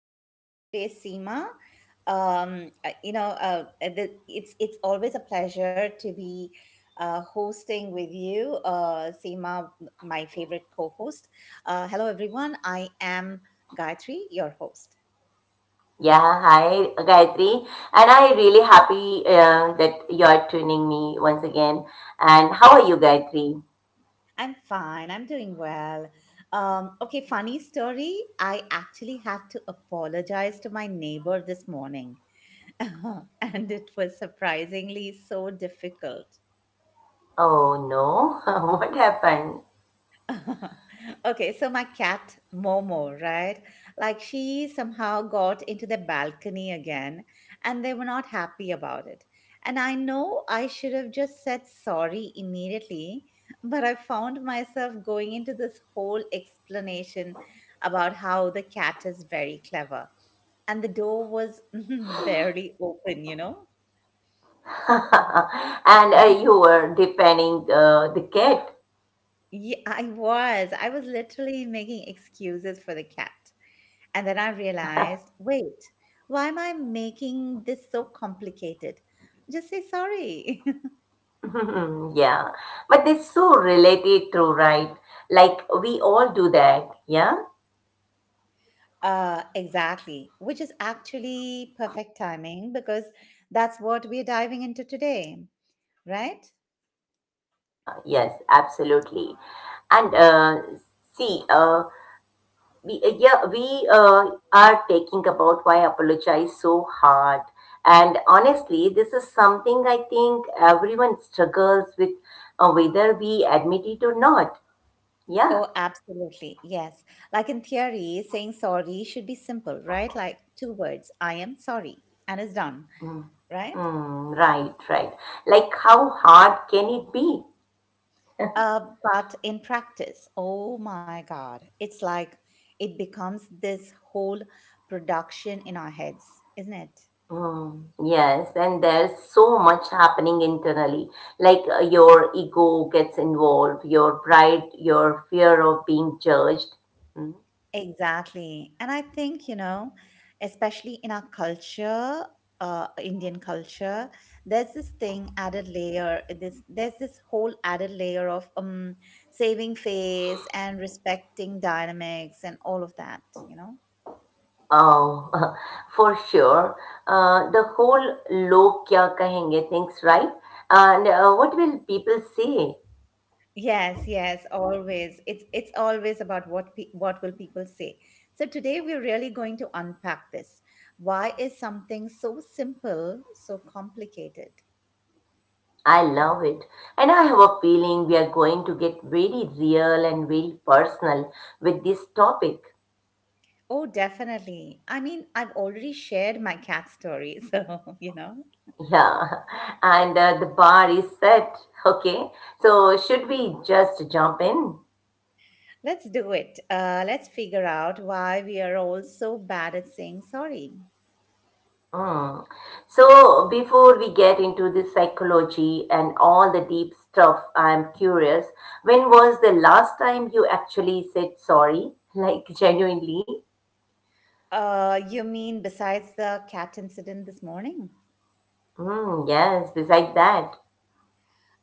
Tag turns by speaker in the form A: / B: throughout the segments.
A: here with us today, Seema. It's always a pleasure to be hosting with you, Seema, my favorite co-host. Hello everyone, I am Gayatri, your host.
B: Yeah, hi Gayatri, and I really happy that you're tuning me once again. And how are you, Gayatri?
A: I'm fine. I'm doing well. Okay, funny story. I actually had to apologize to my neighbor this morning and it was surprisingly so difficult.
B: Oh no, what happened?
A: Okay, so my cat Momo, right? Like she somehow got into the balcony again, and they were not happy about it. And I know I should have just said sorry immediately, but I found myself going into this whole explanation about how the cat is very clever and the door was barely open, you know?
B: And you were defending the cat.
A: Yeah, I was. I was literally making excuses for the cat. And then I realized, wait, why am I making this so complicated? Just say sorry.
B: Yeah, but it's so related to right. Like we all do that. Yeah.
A: Exactly, which is actually perfect timing because that's what we're diving into today, right?
B: Yes, absolutely. And see, we yeah we are taking about why apologize so hard, and honestly this is something I think everyone struggles with, whether we admit it or not. Yeah.
A: Oh, absolutely. Yes. Like in theory, saying sorry should be simple, right? Like two words, I am sorry, and it's done,
B: Mm,
A: right?
B: mm, right, like how hard can it be?
A: Uh, but in practice, oh my God, it's like it becomes this whole production in our heads, isn't it?
B: Mm, yes, and there's so much happening internally. Like your ego gets involved, your pride, your fear of being judged. Mm-hmm.
A: Exactly. And I think, especially in our culture, Indian culture, there's this thing added layer, there's this whole added layer of saving face and respecting dynamics and all of that, you know?
B: Oh, for sure. The whole log kya kahenge things, right? And what will people say?
A: Yes, yes, always. It's always about what will people say. So today we're really going to unpack this. Why is something so simple so complicated?
B: I love it. And I have a feeling we are going to get very real and very personal with this topic.
A: Oh, definitely. I mean, I've already shared my cat story, so you know.
B: Yeah. And the bar is set. Okay. So should we just jump in?
A: Let's do it. Let's figure out why we are all so bad at saying sorry.
B: Mm. So, before we get into the psychology and all the deep stuff, I'm curious, when was the last time you actually said sorry? Like, genuinely?
A: You mean besides the cat incident this morning?
B: Mm, yes, beside that.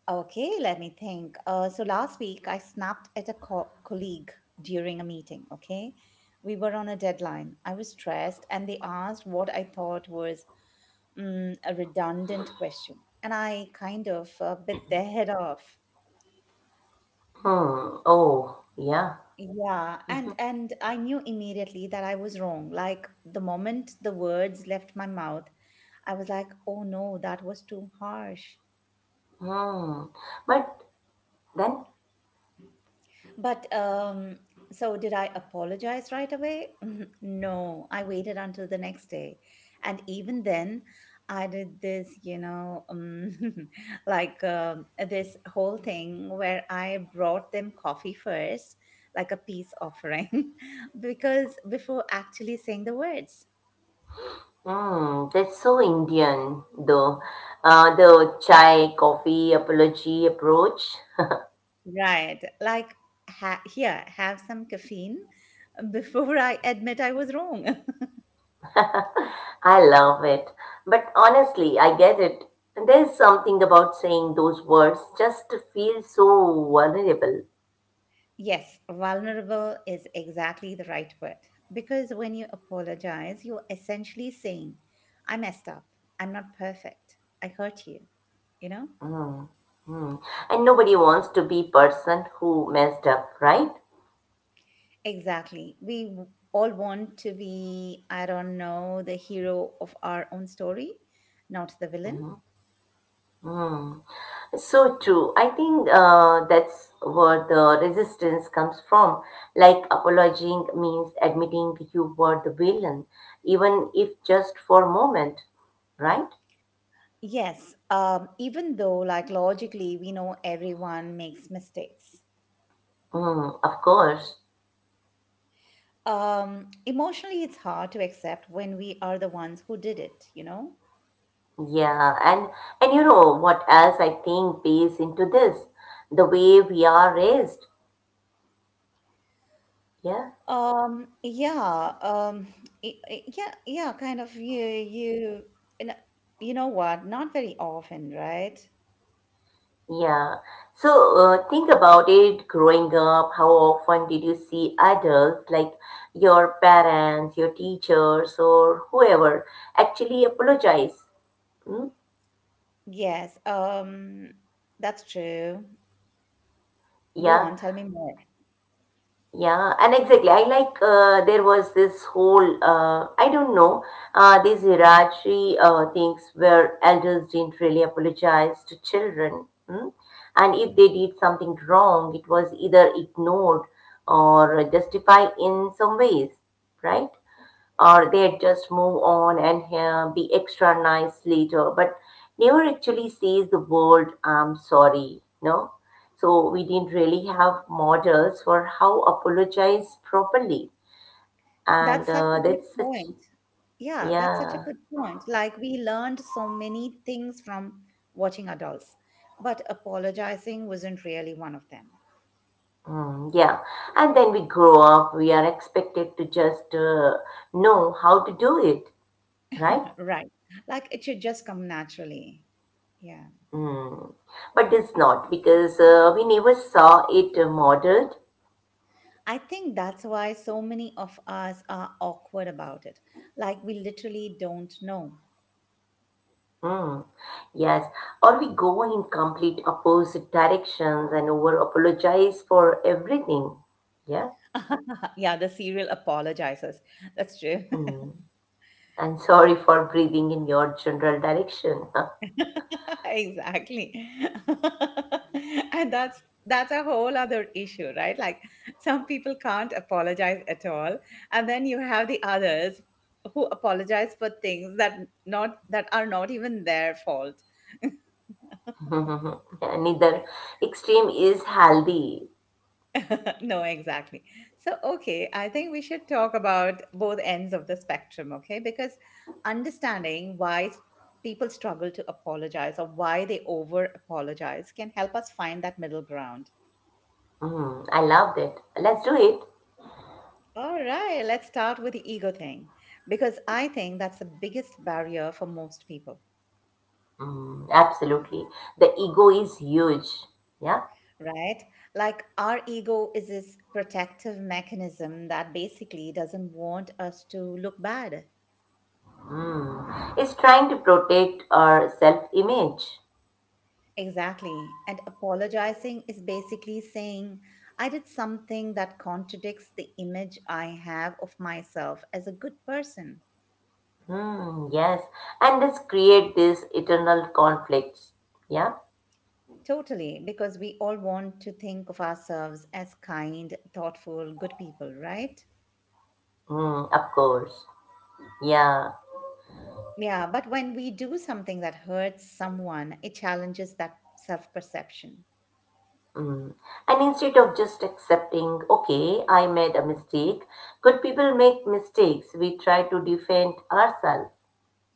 A: Okay, let me think. So last week I snapped at a colleague during a meeting. Okay, we were on a deadline. I was stressed, and they asked what I thought was a redundant question, and I kind of bit their head off.
B: Hmm. Oh, yeah.
A: Yeah, and I knew immediately that I was wrong. Like the moment the words left my mouth, I was like, "Oh no, that was too harsh."
B: Hmm. But then,
A: But so did I apologize right away? No, I waited until the next day. And even then, I did this, like this whole thing where I brought them coffee first, like a peace offering, because before actually saying the words,
B: hmm, that's so Indian, though. The chai, coffee, apology approach.
A: right? Like, here, have some caffeine before I admit I was wrong.
B: I love it. But honestly, I get it. There's something about saying those words just to feel so vulnerable.
A: Yes, vulnerable is exactly the right word. Because when you apologize, you're essentially saying, I messed up. I'm not perfect. I hurt you, you know?
B: Mm, mm. And nobody wants to be person who messed up, right?
A: Exactly. We all want to be, I don't know, the hero of our own story, not the villain.
B: Mm. So true. I think that's where the resistance comes from. Like apologizing means admitting you were the villain, even if just for a moment, right?
A: Yes, even though, like, logically, we know everyone makes mistakes.
B: Mm, of course.
A: Emotionally it's hard to accept when we are the ones who did it, you know.
B: Yeah, and you know what else I think plays into this? The way we are raised. Yeah,
A: Yeah, yeah, yeah, kind of. You know you know what, not very often, right.
B: yeah. So think about it. Growing up, how often did you see adults like your parents, your teachers, or whoever actually apologize? Hmm?
A: Yes, that's true. Go
B: Yeah.
A: on, tell me more.
B: Yeah, and exactly. I like there was this whole I don't know, these hierarchy things where elders didn't really apologize to children, hmm? And if they did something wrong, it was either ignored or justified in some ways, right? Or they'd just move on and be extra nice later, but never actually says the word "I'm sorry." No, so we didn't really have models for how apologize properly, and
A: That's such a good
B: that's such.
A: point. Yeah, that's such a
B: Yeah.
A: good point. Like we learned so many things from watching adults, but apologizing wasn't really one of them.
B: Mm, yeah, and then we grow up, we are expected to just know how to do it, right?
A: Right. Like it should just come naturally. Yeah.
B: Mm. But it's not because we never saw it modeled.
A: I think that's why so many of us are awkward about it. Like we literally don't know.
B: Hmm. Yes, or we go in complete opposite directions and over apologize for everything. Yeah.
A: Yeah, the serial apologizes. That's true.
B: Mm. I'm sorry for breathing in your general direction.
A: Exactly. And that's a whole other issue, right? Like some people can't apologize at all. And then you have the others who apologize for things that are not even their fault.
B: Yeah, neither extreme is healthy.
A: No, exactly. So, okay, I think we should talk about both ends of the spectrum, okay? Because understanding why people struggle to apologize or why they over apologize can help us find that middle ground.
B: Mm, I loved it. Let's do it.
A: All right, let's start with the ego thing, because I think that's the biggest barrier for most people,
B: Mm, absolutely. The ego is huge. Yeah.
A: right? Like, our ego is this protective mechanism that basically doesn't want us to look bad.
B: Mm. It's trying to protect our self image.
A: Exactly. And apologizing is basically saying, I did something that contradicts the image I have of myself as a good person.
B: Hmm. Yes, and this create this eternal conflicts. Yeah.
A: Totally, because we all want to think of ourselves as kind, thoughtful, good people, right?
B: Mm, of course. Yeah.
A: Yeah, but when we do something that hurts someone, it challenges that self perception.
B: Mm. And instead of just accepting, okay, I made a mistake. Good people make mistakes. We try to defend ourselves.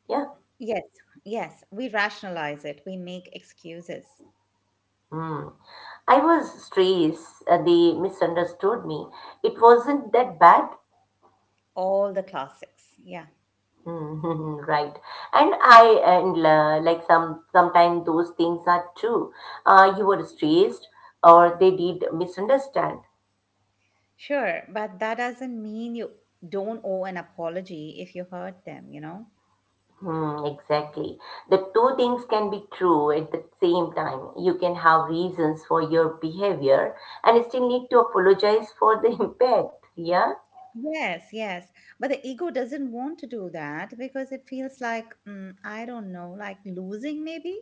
B: Yeah.
A: Yes, yes, we rationalize it, we make excuses,
B: Mm. I was stressed. They misunderstood me. It wasn't that bad.
A: all the classics. Yeah.
B: Mhm, right. And I and like sometimes those things are true. You were stressed or they did misunderstand.
A: Sure, but that doesn't mean you don't owe an apology if you hurt them, you know?
B: Hmm, exactly. The two things can be true at the same time. You can have reasons for your behavior and still need to apologize for the impact. Yeah.
A: Yes, yes. But the ego doesn't want to do that because it feels like, I don't know, like losing maybe?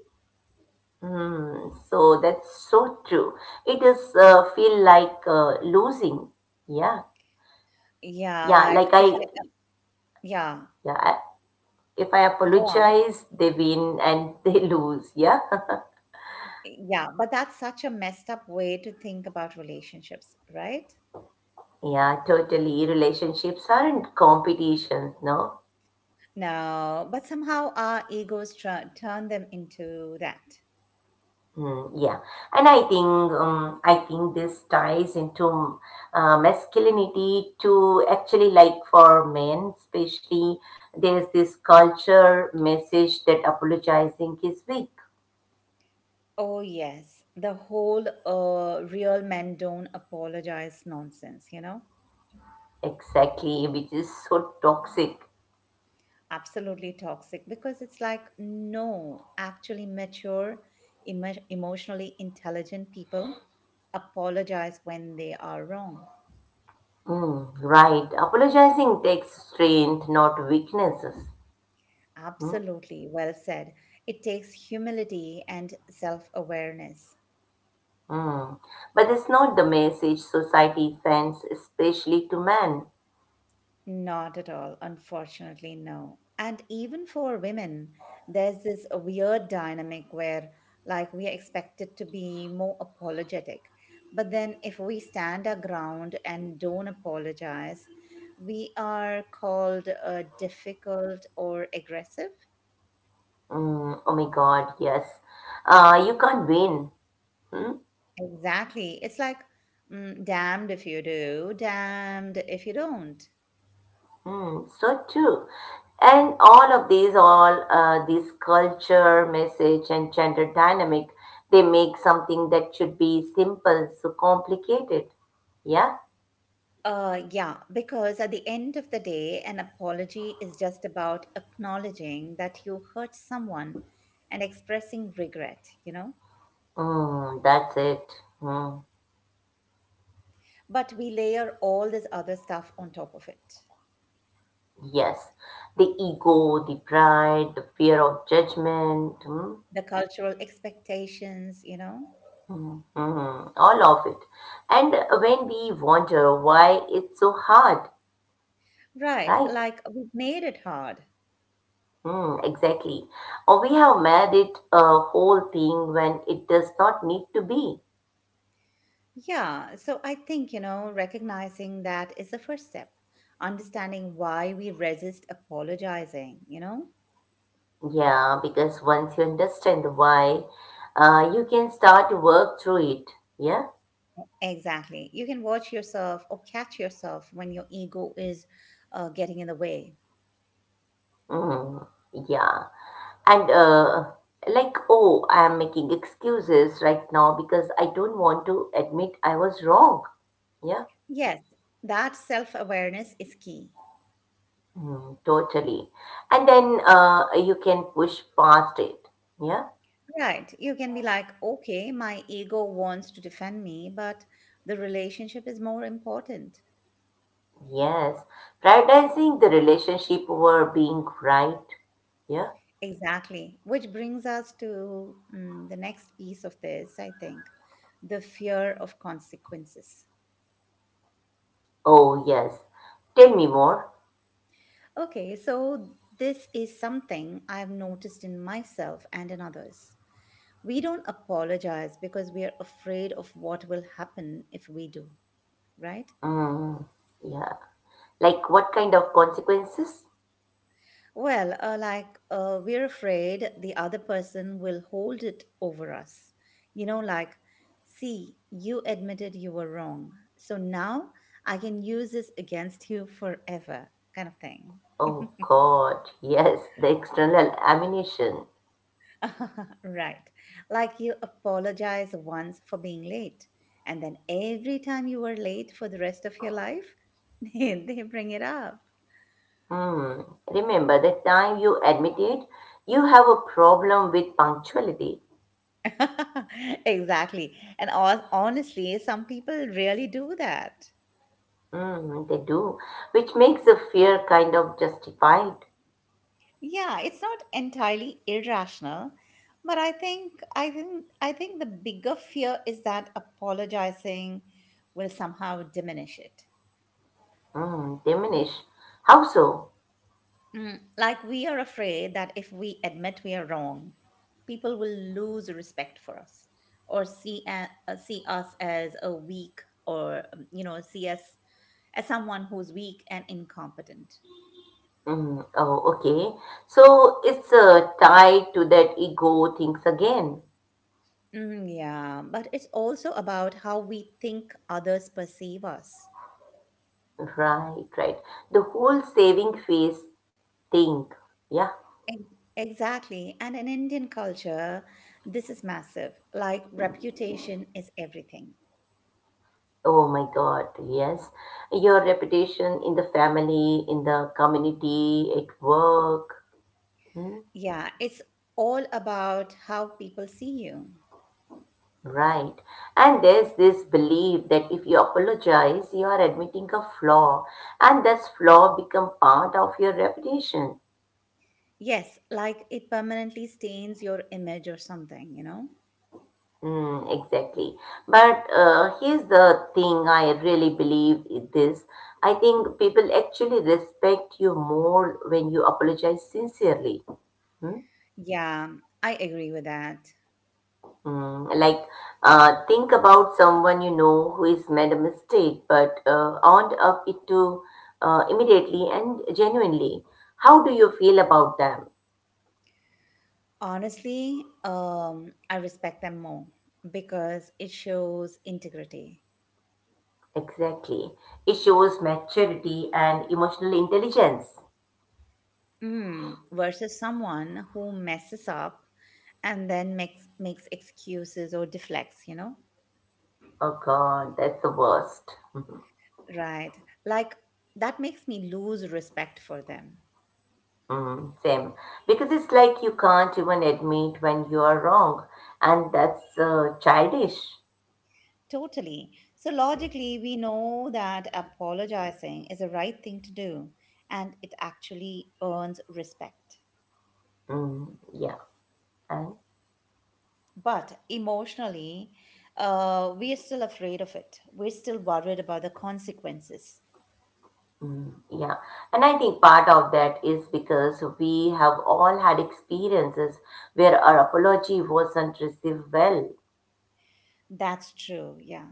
B: Hmm. So that's so true. It is feel like losing. Yeah.
A: Yeah,
B: Yeah. Like
A: like if
B: I.
A: I, yeah,
B: Yeah. If I
A: go on.
B: apologize, they win and they lose. Yeah.
A: Yeah, but that's such a messed up way to think about relationships, right?
B: Yeah, totally. Relationships aren't competitions, no?
A: No, but somehow our egos tr turn them into that.
B: Mm, yeah. And I think this ties into masculinity to actually, like for men, especially there's this culture message that apologizing is weak.
A: Oh, yes. The whole real men don't apologize nonsense, you know?
B: Exactly, which is so toxic.
A: Absolutely toxic because it's like, no, actually mature, emotionally intelligent people apologize when they are wrong.
B: Mm, right. Apologizing takes strength, not weaknesses. Hmm?
A: Absolutely. Well said. It takes humility and self awareness.
B: Mm. But it's not the message society sends, especially to men.
A: Not at all, unfortunately, no. And even for women, there's this weird dynamic where, like, we are expected to be more apologetic. But then, if we stand our ground and don't apologize, we are called difficult or aggressive.
B: Mm. Oh my God, yes. You can't win. Hmm?
A: Exactly. It's like, damned if you do, damned if you don't.
B: Hmm. So true. And all of these, all this culture, message, and gender dynamic, they make something that should be simple so complicated. Yeah?
A: Yeah, because at the end of the day, an apology is just about acknowledging that you hurt someone and expressing regret, you know?
B: Mm, that's it. Mm,
A: But we layer all this other stuff on top of it.
B: yes. The ego, the pride, the fear of judgment. Mm.
A: The cultural expectations, you know?
B: Mhm, all of it. And when we wonder why it's so hard,
A: Right,
B: right?
A: like we've made it hard.
B: Mm, exactly. Or we have made it a whole thing when it does not need to be.
A: Yeah, so I think, recognizing that is the first step, understanding why we resist apologizing, you know?
B: Yeah, because once you understand why, you can start to work through it. Yeah.
A: Exactly. You can watch yourself or catch yourself when your ego is getting in the way.
B: Mm, yeah. And like, oh, I am making excuses right now because I don't want to admit I was wrong. Yeah?
A: Yes, that self awareness is key.
B: Mm, totally. And then you can push past it. Yeah.
A: Right. You can be like, okay, my ego wants to defend me, but the relationship is more important.
B: Yes. Prioritizing the relationship over being right. Yeah.
A: Exactly. Which brings us to the next piece of this, I think the fear of consequences.
B: Oh, yes. Tell me more.
A: Okay, so this is something I've noticed in myself and in others. We don't apologize because we are afraid of what will happen if we do, right?
B: Mm, yeah. Like what kind of consequences?
A: Well, like we're afraid the other person will hold it over us. You know, like, see, you admitted you were wrong. So now I can use this against you forever, kind of thing.
B: Oh, God. Yes. The external ammunition.
A: Right. Like you apologize once for being late, and then every time you are late for the rest of your life, they bring it up.
B: Hmm. Remember the time you admitted you have a problem with punctuality.
A: Exactly. And honestly, some people really do that.
B: Mm, they do, which makes the fear kind of justified.
A: Yeah, it's not entirely irrational, but I think the bigger fear is that apologizing will somehow diminish it.
B: Mm, diminish. How so?
A: Like we are afraid that if we admit we are wrong, people will lose respect for us or see us as a weak, or see us as someone who's weak and incompetent.
B: Mm, oh, okay. So it's tied to that ego things again.
A: Mm, yeah, but it's also about how we think others perceive us.
B: Right, right. The whole saving phase thing. Yeah.
A: Ex- Exactly. And in Indian culture, this is massive. Like, reputation is everything.
B: Oh my God, yes. Your reputation in the family, in the community, at work. Hmm?
A: Yeah, it's all about how people see you.
B: Right. And there's this belief that if you apologize, you are admitting a flaw, and this flaw become part of your reputation.
A: Yes, like it permanently stains your image or something, you know?
B: Hmm, exactly. But here's the thing I really believe in this. I think people actually respect you more when you apologize sincerely. Hmm?
A: Yeah, I agree with that.
B: Mm, like, think about someone you know who has made a mistake but owned up it to immediately and genuinely. How do you feel about them?
A: Honestly, I respect them more because it shows integrity.
B: Exactly. It shows maturity and emotional intelligence.
A: Versus someone who messes up and then makes excuses or deflects, you know?
B: Oh God, that's the worst.
A: Right. Like that makes me lose respect for them.
B: Mm, same. Because it's like you can't even admit when you are wrong, and that's childish.
A: Totally. So logically, we know that apologizing is the right thing to do and it actually earns respect.
B: Mm, yeah. And
A: But emotionally, we are still afraid of it. We're still worried about the consequences.
B: mm, yeah, and I think part of that is because we have all had experiences where our apology wasn't received well.
A: That's true. Yeah.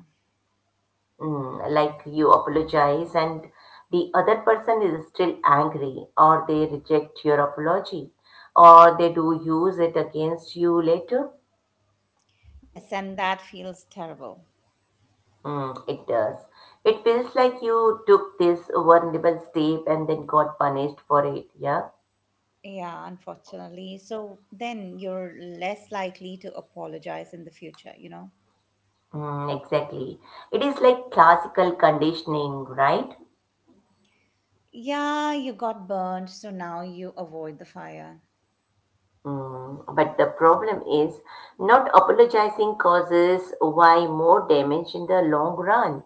B: Mm, like you apologize and the other person is still angry, or they reject your apology, or they do use it against you later.
A: Yes, and that feels terrible.
B: Mm, it does. It feels like you took this vulnerable step and then got punished for it. Yeah.
A: Yeah, unfortunately. So then you're less likely to apologize in the future, you know?
B: Mm, exactly. It is like classical conditioning, right?
A: Yeah, you got burned, so now you avoid the fire.
B: Mm, but the problem is not apologizing causes why more damage in the long run.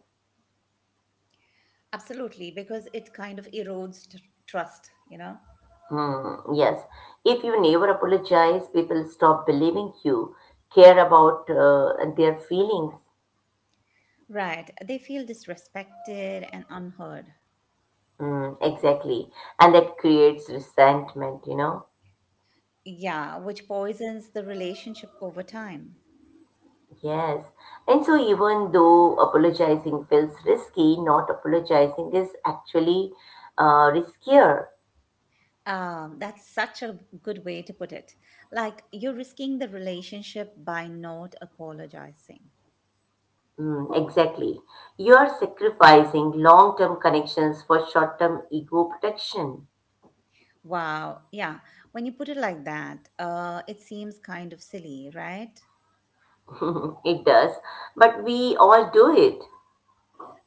A: Absolutely, because it kind of erodes trust, you know?
B: Hmm, yes. If you never apologize, people stop believing you, care about their feelings.
A: Right. They feel disrespected and unheard.
B: Hmm. Exactly. And that creates resentment, you know.
A: Yeah, which poisons the relationship over time.
B: Yes. And so, even though apologizing feels risky, not apologizing is actually riskier.
A: That's such a good way to put it. Like, you're risking the relationship by not apologizing.
B: Mm, exactly. You are sacrificing long term connections for short term ego protection.
A: Wow. Yeah. When you put it like that, it seems kind of silly, right?
B: It does. But we all do it.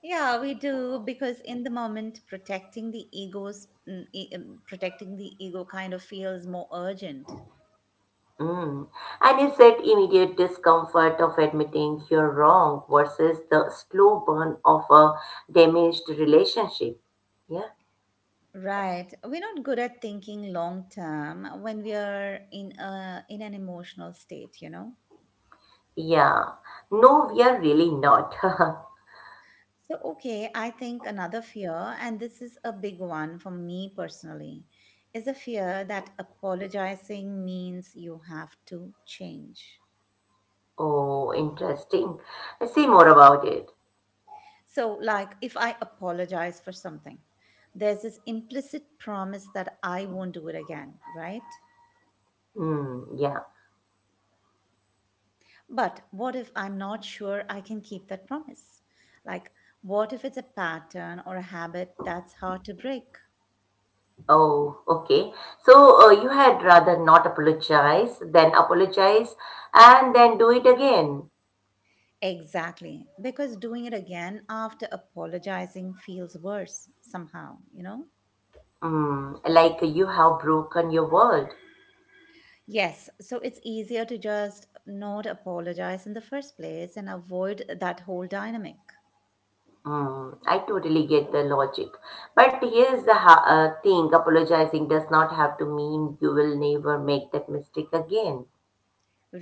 A: Yeah, we do because in the moment, protecting the ego kind of feels more urgent.
B: Mm. And it's that immediate discomfort of admitting you're wrong versus the slow burn of a damaged relationship. Yeah.
A: Right. We're not good at thinking long term when we are in an emotional state, you know.
B: Yeah, no, we are really not.
A: So okay, I think another fear, and this is a big one for me personally, is a fear that apologizing means you have to change.
B: Oh, interesting. Say more about it.
A: So, like, if I apologize for something, there's this implicit promise that I won't do it again, right?
B: Hmm, yeah.
A: But what if I'm not sure I can keep that promise? Like, what if it's a pattern or a habit that's hard to break?
B: Oh, okay. So you had rather not apologize than apologize and then do it again.
A: Exactly, because doing it again after apologizing feels worse somehow, you know?
B: Hmm, like you have broken your world.
A: Yes, so it's easier to just not apologize in the first place and avoid that whole dynamic.
B: Hmm, I totally get the logic. But here's the ha thing, apologizing does not have to mean you will never make that mistake again.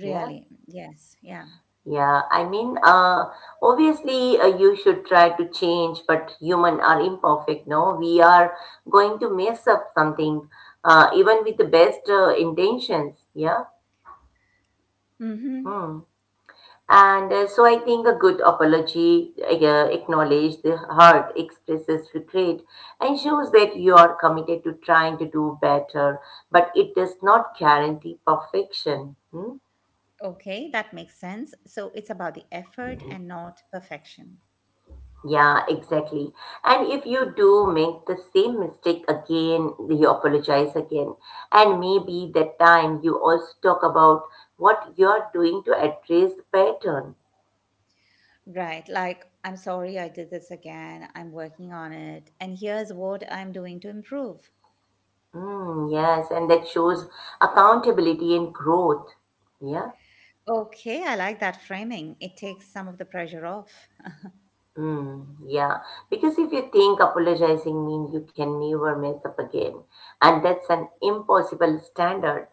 B: Yeah.
A: Yes, yeah.
B: Yeah, I mean, obviously, you should try to change, but human are imperfect. No, we are going to mess up something, even with the best intentions. Yeah.
A: Mm-hmm.
B: Hmm. And so I think a good apology yeah, acknowledge the hurt, expresses regret, and shows that you are committed to trying to do better, but it does not guarantee perfection. Hmm?
A: Okay, that makes sense. So it's about the effort and not perfection.
B: Yeah, exactly. And if you do make the same mistake again, you apologize again. And maybe that time you also talk about what you're doing to address the pattern.
A: Right, like, I'm sorry I did this again. I'm working on it. And here's what I'm doing to improve.
B: Mm, yes, and that shows accountability and growth. Yeah.
A: Okay, I like that framing. It takes some of the pressure off,
B: Mm, yeah. Because if you think apologizing means you can never mess up again, and that's an impossible standard.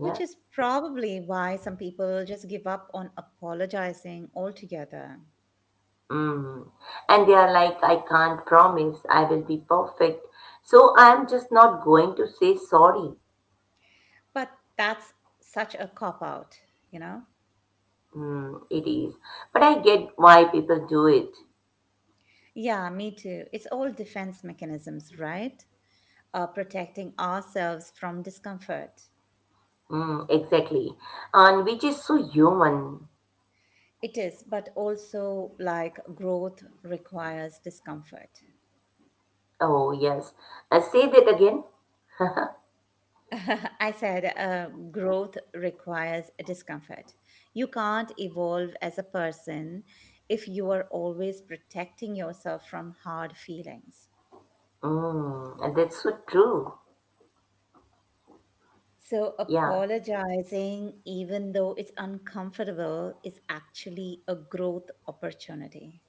A: which is probably why some people just give up on apologizing altogether.
B: Mm. And they are like, I can't promise I will be perfect. So I'm just not going to say sorry.
A: But that's such a cop out, you know?
B: Mm, it is. But I get why people do it.
A: Yeah, me too. It's all defense mechanisms, right? Protecting ourselves from discomfort.
B: Mm, exactly. And which is so human.
A: It is, but also like growth requires discomfort.
B: Oh, yes. Say that again.
A: I said growth requires a discomfort. You can't evolve as a person if you are always protecting yourself from hard feelings.
B: Mm, and that's so true.
A: So,
B: Yeah,
A: apologizing, even though it's uncomfortable, is actually a growth opportunity.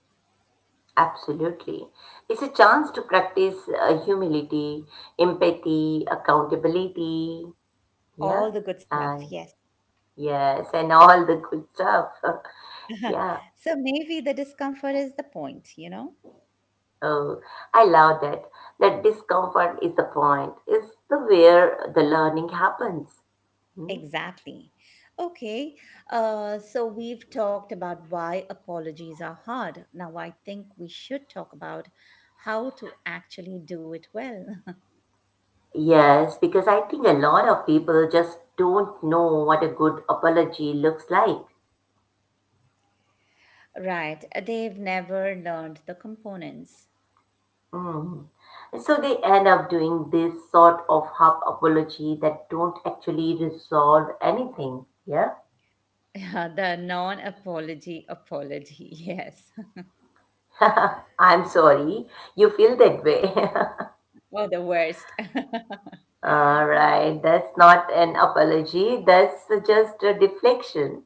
B: absolutely. It's a chance to practice humility, empathy, accountability.
A: All
B: Yeah.
A: the good stuff,
B: And
A: yes.
B: yes, and all the good stuff.
A: Huh.
B: Yeah.
A: So maybe the discomfort is the point, you know?
B: Oh, I love that. That discomfort is the point. Is the where the learning happens. Hmm?
A: Exactly. Okay. So we've talked about why apologies are hard. Now I think we should talk about how to actually do it well.
B: Yes, because I think a lot of people just don't know what a good apology looks like.
A: Right. They've never learned the components.
B: Mm. So they end up doing this sort of half apology that don't actually resolve anything. Yeah.
A: Yeah, the non apology apology. Yes.
B: I'm sorry. You feel that way.
A: Oh, the worst.
B: All
A: Uh,
B: right, that's not an apology. That's just a deflection.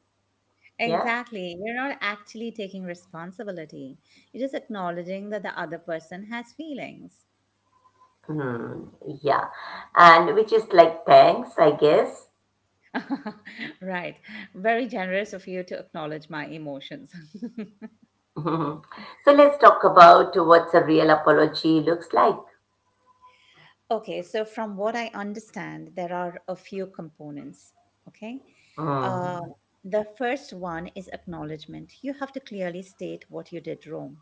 B: Yeah.
A: Exactly. You're not actually taking responsibility. You're just acknowledging that the other person has feelings.
B: Hmm. Yeah. And which is like thanks, I guess.
A: Right. Very generous of you to acknowledge my emotions.
B: So let's talk about what a real apology looks like.
A: Okay. So, from what I understand, there are a few components. Okay. Uh,
B: Hmm.
A: the first one is acknowledgement. You have to clearly state what you did wrong.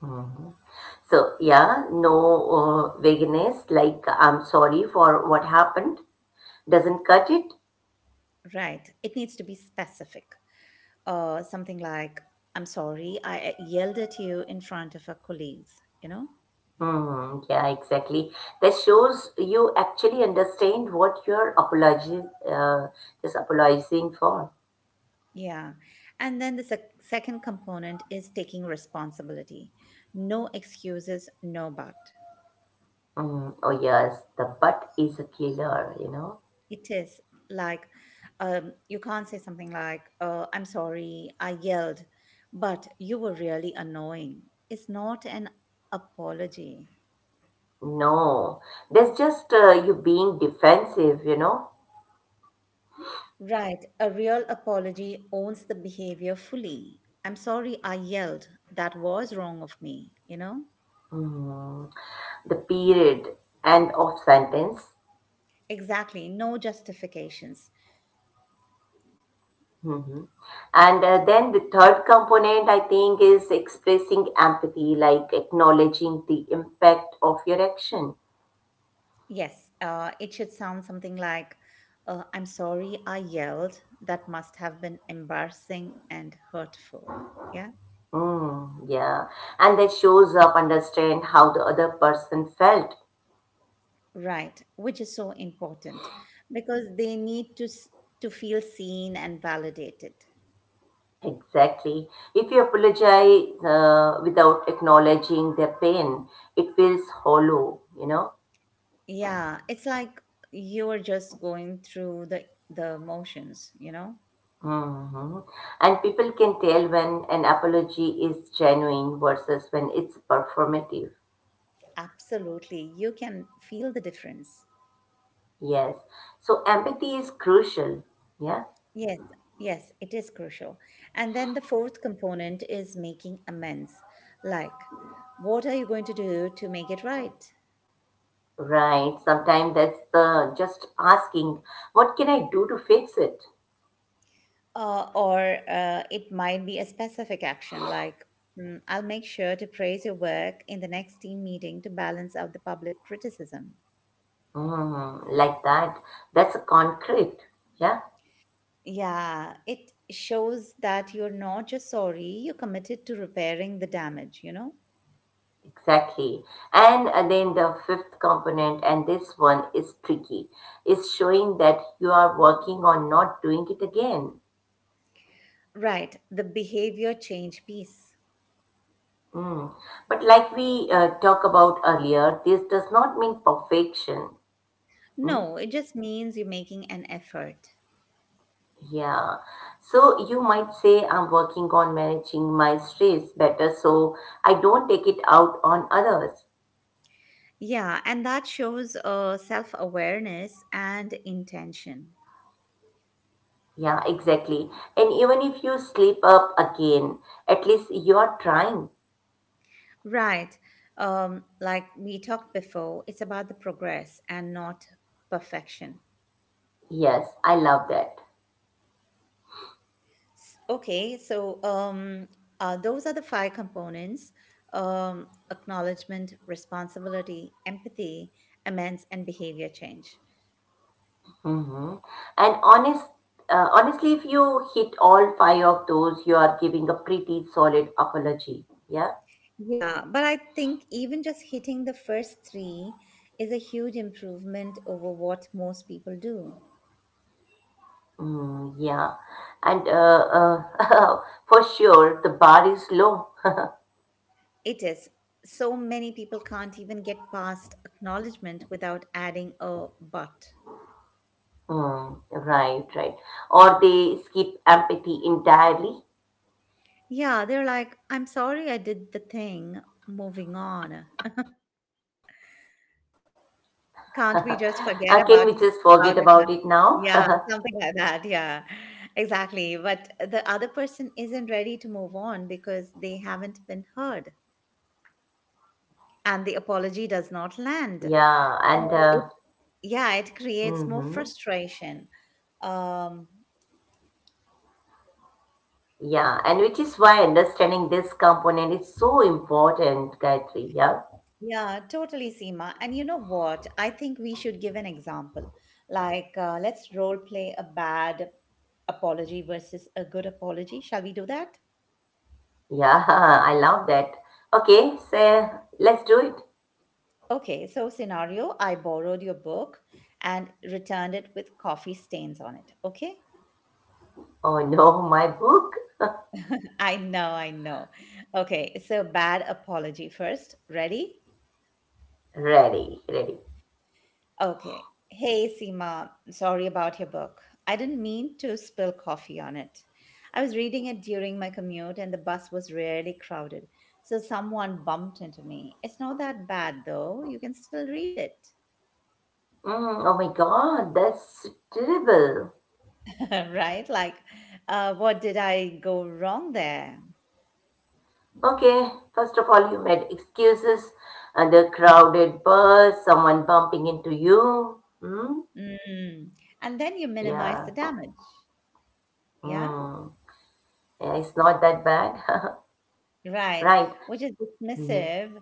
B: Hmm. So yeah, no vagueness like I'm sorry for what happened doesn't cut it.
A: Right. It needs to be specific. Something like, I'm sorry, I yelled at you in front of our colleagues, you know?
B: Yeah, exactly. That shows you actually understand what you're apologizing for.
A: Yeah. And then the second component is taking responsibility. No excuses, no but.
B: Oh yes, the butt is a killer, you know.
A: It is like you can't say something like, oh, I'm sorry, I yelled, but you were really annoying. It's not an apology.
B: No, that's just you being defensive, you know.
A: Right. A real apology owns the behavior fully. I'm sorry, I yelled. That was wrong of me, you know?
B: Mm, the period end of sentence.
A: Exactly. No justifications.
B: Hmm And then the third component, I think, is expressing empathy, like acknowledging the impact of your action.
A: Yes, it should sound something like, I'm sorry I yelled. That must have been embarrassing and hurtful. Yeah,
B: Yeah, and that shows up understand how the other person felt.
A: right, which is so important because they need to to feel seen and validated.
B: Exactly. If you apologize without acknowledging their pain, it feels hollow, you know.
A: Yeah, it's like you're just going through the motions, you know?
B: Hmm And people can tell when an apology is genuine versus when it's performative.
A: Absolutely. You can feel the difference.
B: Yes. So empathy is crucial. Yeah.
A: Yes, yes, it is crucial. And then the fourth component is making amends. Like, what are you going to do to make it right?
B: Right. Sometimes that's the just asking, what can I do to fix it?
A: Or it might be a specific action like, "Mm, I'll make sure to praise your work in the next team meeting to balance out the public criticism."
B: Mm, like that. That's concrete. Yeah,
A: Yeah, it shows that you're not just sorry, you're committed to repairing the damage, you know?
B: exactly. And then the fifth component, and this one is tricky, is showing that you are working on not doing it again.
A: Right, the behavior change piece.
B: Mm. But like we talked about earlier, this does not mean perfection. Mm.
A: No, it just means you're making an effort.
B: Yeah. So you might say, I'm working on managing my stress better so I don't take it out on others.
A: Yeah, and that shows self awareness and intention.
B: Yeah, exactly. And even if you slip up again, at least you are trying.
A: Right. Like we talked before, it's about the progress and not perfection.
B: Yes, I love that.
A: Okay, so those are the five components: acknowledgement, responsibility, empathy, amends, and behavior change.
B: Hmm And honestly, if you hit all five of those, you are giving a pretty solid apology. Yeah.
A: Yeah, but I think even just hitting the first three is a huge improvement over what most people do.
B: Mm, yeah. And for sure, the bar is low.
A: It is. So many people can't even get past acknowledgement without adding a but.
B: Hmm, right. Or they skip empathy entirely.
A: Yeah, they're like, I'm sorry I did the thing, moving on.
B: Can we just forget
A: Can't we
B: about it
A: just forget
B: now?
A: about it now? Yeah, something like that. Yeah. Exactly. But the other person isn't ready to move on because they haven't been heard and the apology does not land.
B: Yeah, and
A: So it, yeah, it creates more
B: hmm
A: frustration. Um
B: yeah, and which is why understanding this component is so important, Gayatri. Yeah,
A: Yeah, totally, Seema. And you know what? I think we should give an example. Like, let's role play a bad apology versus a good apology. Shall we do that?
B: yeah, I love that. Okay, so let's do it.
A: Okay, so scenario, I borrowed your book and returned it with coffee stains on it. Okay?
B: Oh no, my book.
A: I know, I know. Okay, so bad apology first. Ready?
B: Ready.
A: Okay. Hey, Seema, sorry about your book. I didn't mean to spill coffee on it. I was reading it during my commute and the bus was really crowded, so someone bumped into me. It's not that bad though. You can still read it.
B: Mm, oh my God, that's terrible.
A: Right? Like, what did I go wrong there?
B: Okay, first of all, you made excuses and a crowded bus, someone bumping into you. Mm,
A: Mm. And then you minimize
B: yeah.
A: the damage. Yeah?
B: Mm, yeah, it's not that bad.
A: Right.
B: Right.
A: Which is
B: Mhm.
A: dismissive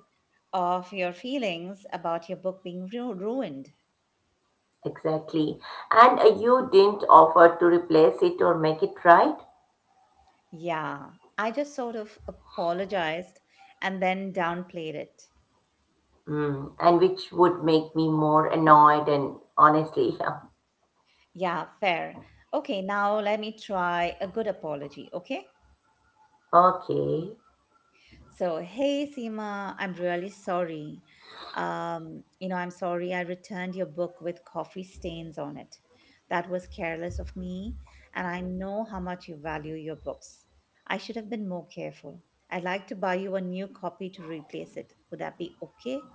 A: of your feelings about your book being ruined.
B: Exactly. And you didn't offer to replace it or make it right.
A: Yeah, I just sort of apologized and then downplayed it.
B: Mm. And which would make me more annoyed and honestly, yeah.
A: Yeah, fair. Okay, now let me try a good apology, okay?
B: Okay.
A: So, hey Seema, I'm really sorry. I'm sorry I returned your book with coffee stains on it. That was careless of me, and I know how much you value your books. I should have been more careful. I'd like to buy you a new copy to replace it. Would that be okay?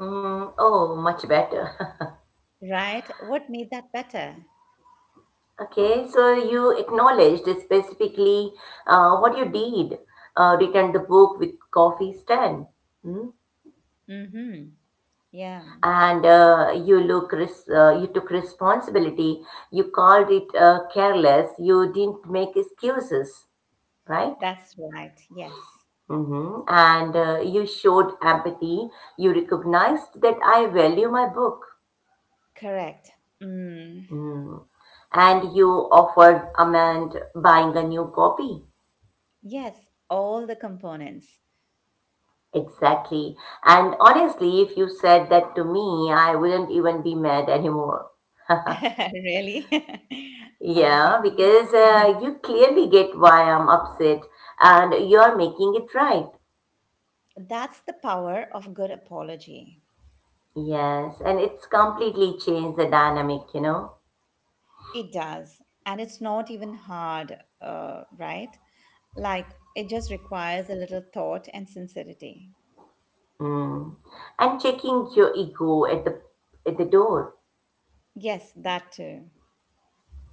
B: Mm. Oh, much better.
A: Right? What made that better?
B: Okay, so you acknowledged specifically what you did, returned the book with coffee stand. Hmm.
A: Mm-hmm. Yeah,
B: And you took responsibility. You called it careless. You didn't make excuses, right?
A: that's right. Yes,
B: hmm And you showed empathy. You recognized that I value my book.
A: correct. Mm.
B: Mm. And you offered Amand buying a new copy.
A: Yes, all the components.
B: Exactly. And honestly, if you said that to me, I wouldn't even be mad anymore.
A: Really?
B: Yeah,
A: Awesome.
B: because you clearly get why I'm upset and you're making it right.
A: That's the power of good apology.
B: Yes, and it's completely changed the dynamic, you know.
A: It does. And it's not even hard, right? Like, it just requires a little thought and sincerity.
B: Mm. And checking your ego at the door.
A: Yes, that too.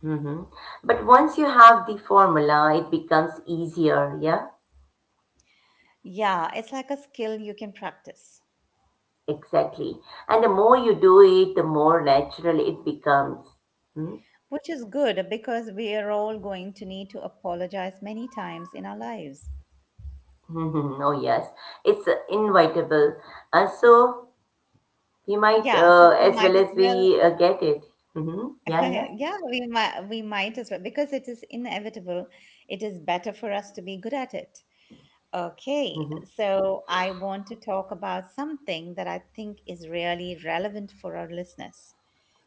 B: Hmm But once you have the formula, it becomes easier. Yeah,
A: Yeah, it's like a skill you can practice.
B: exactly. And the more you do it, the more natural it becomes. Mm.
A: Which is good because we are all going to need to apologize many times in our lives.
B: Mhm. Oh yes, it's inevitable. So we might
A: Yeah, so we
B: as
A: might
B: well
A: as
B: as
A: well,
B: we get it. Hmm Yeah, yeah.
A: yeah, we might as well because it is inevitable. It is better for us to be good at it. Okay,
B: hmm
A: so I want to talk about something that I think is really relevant for our listeners,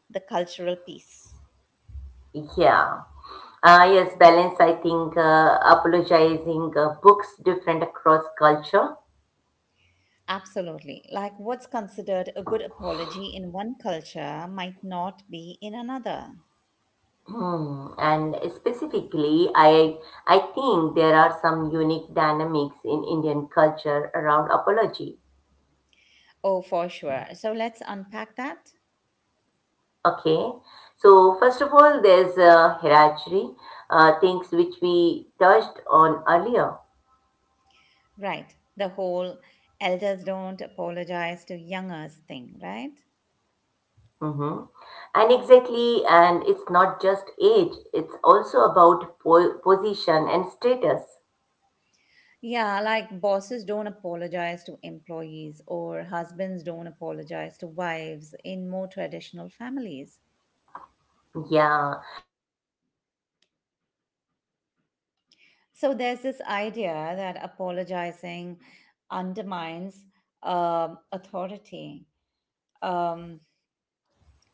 A: the cultural piece.
B: Yeah. Yes, balance. I think apologizing books different across culture.
A: Absolutely. Like what's considered a good apology in one culture might not be in another.
B: Hmm. And specifically, I think there are some unique dynamics in Indian culture around apology.
A: Oh, for sure. So let's unpack that.
B: Okay, so first of all, there's a hierarchy, things which we touched on earlier.
A: Right. The whole elders don't apologize to youngers thing, right?
B: Hmm And exactly, and it's not just age; it's also about position and status.
A: Yeah, like bosses don't apologize to employees, or husbands don't apologize to wives in more traditional families.
B: Yeah.
A: So there's this idea that apologizing undermines authority. Um,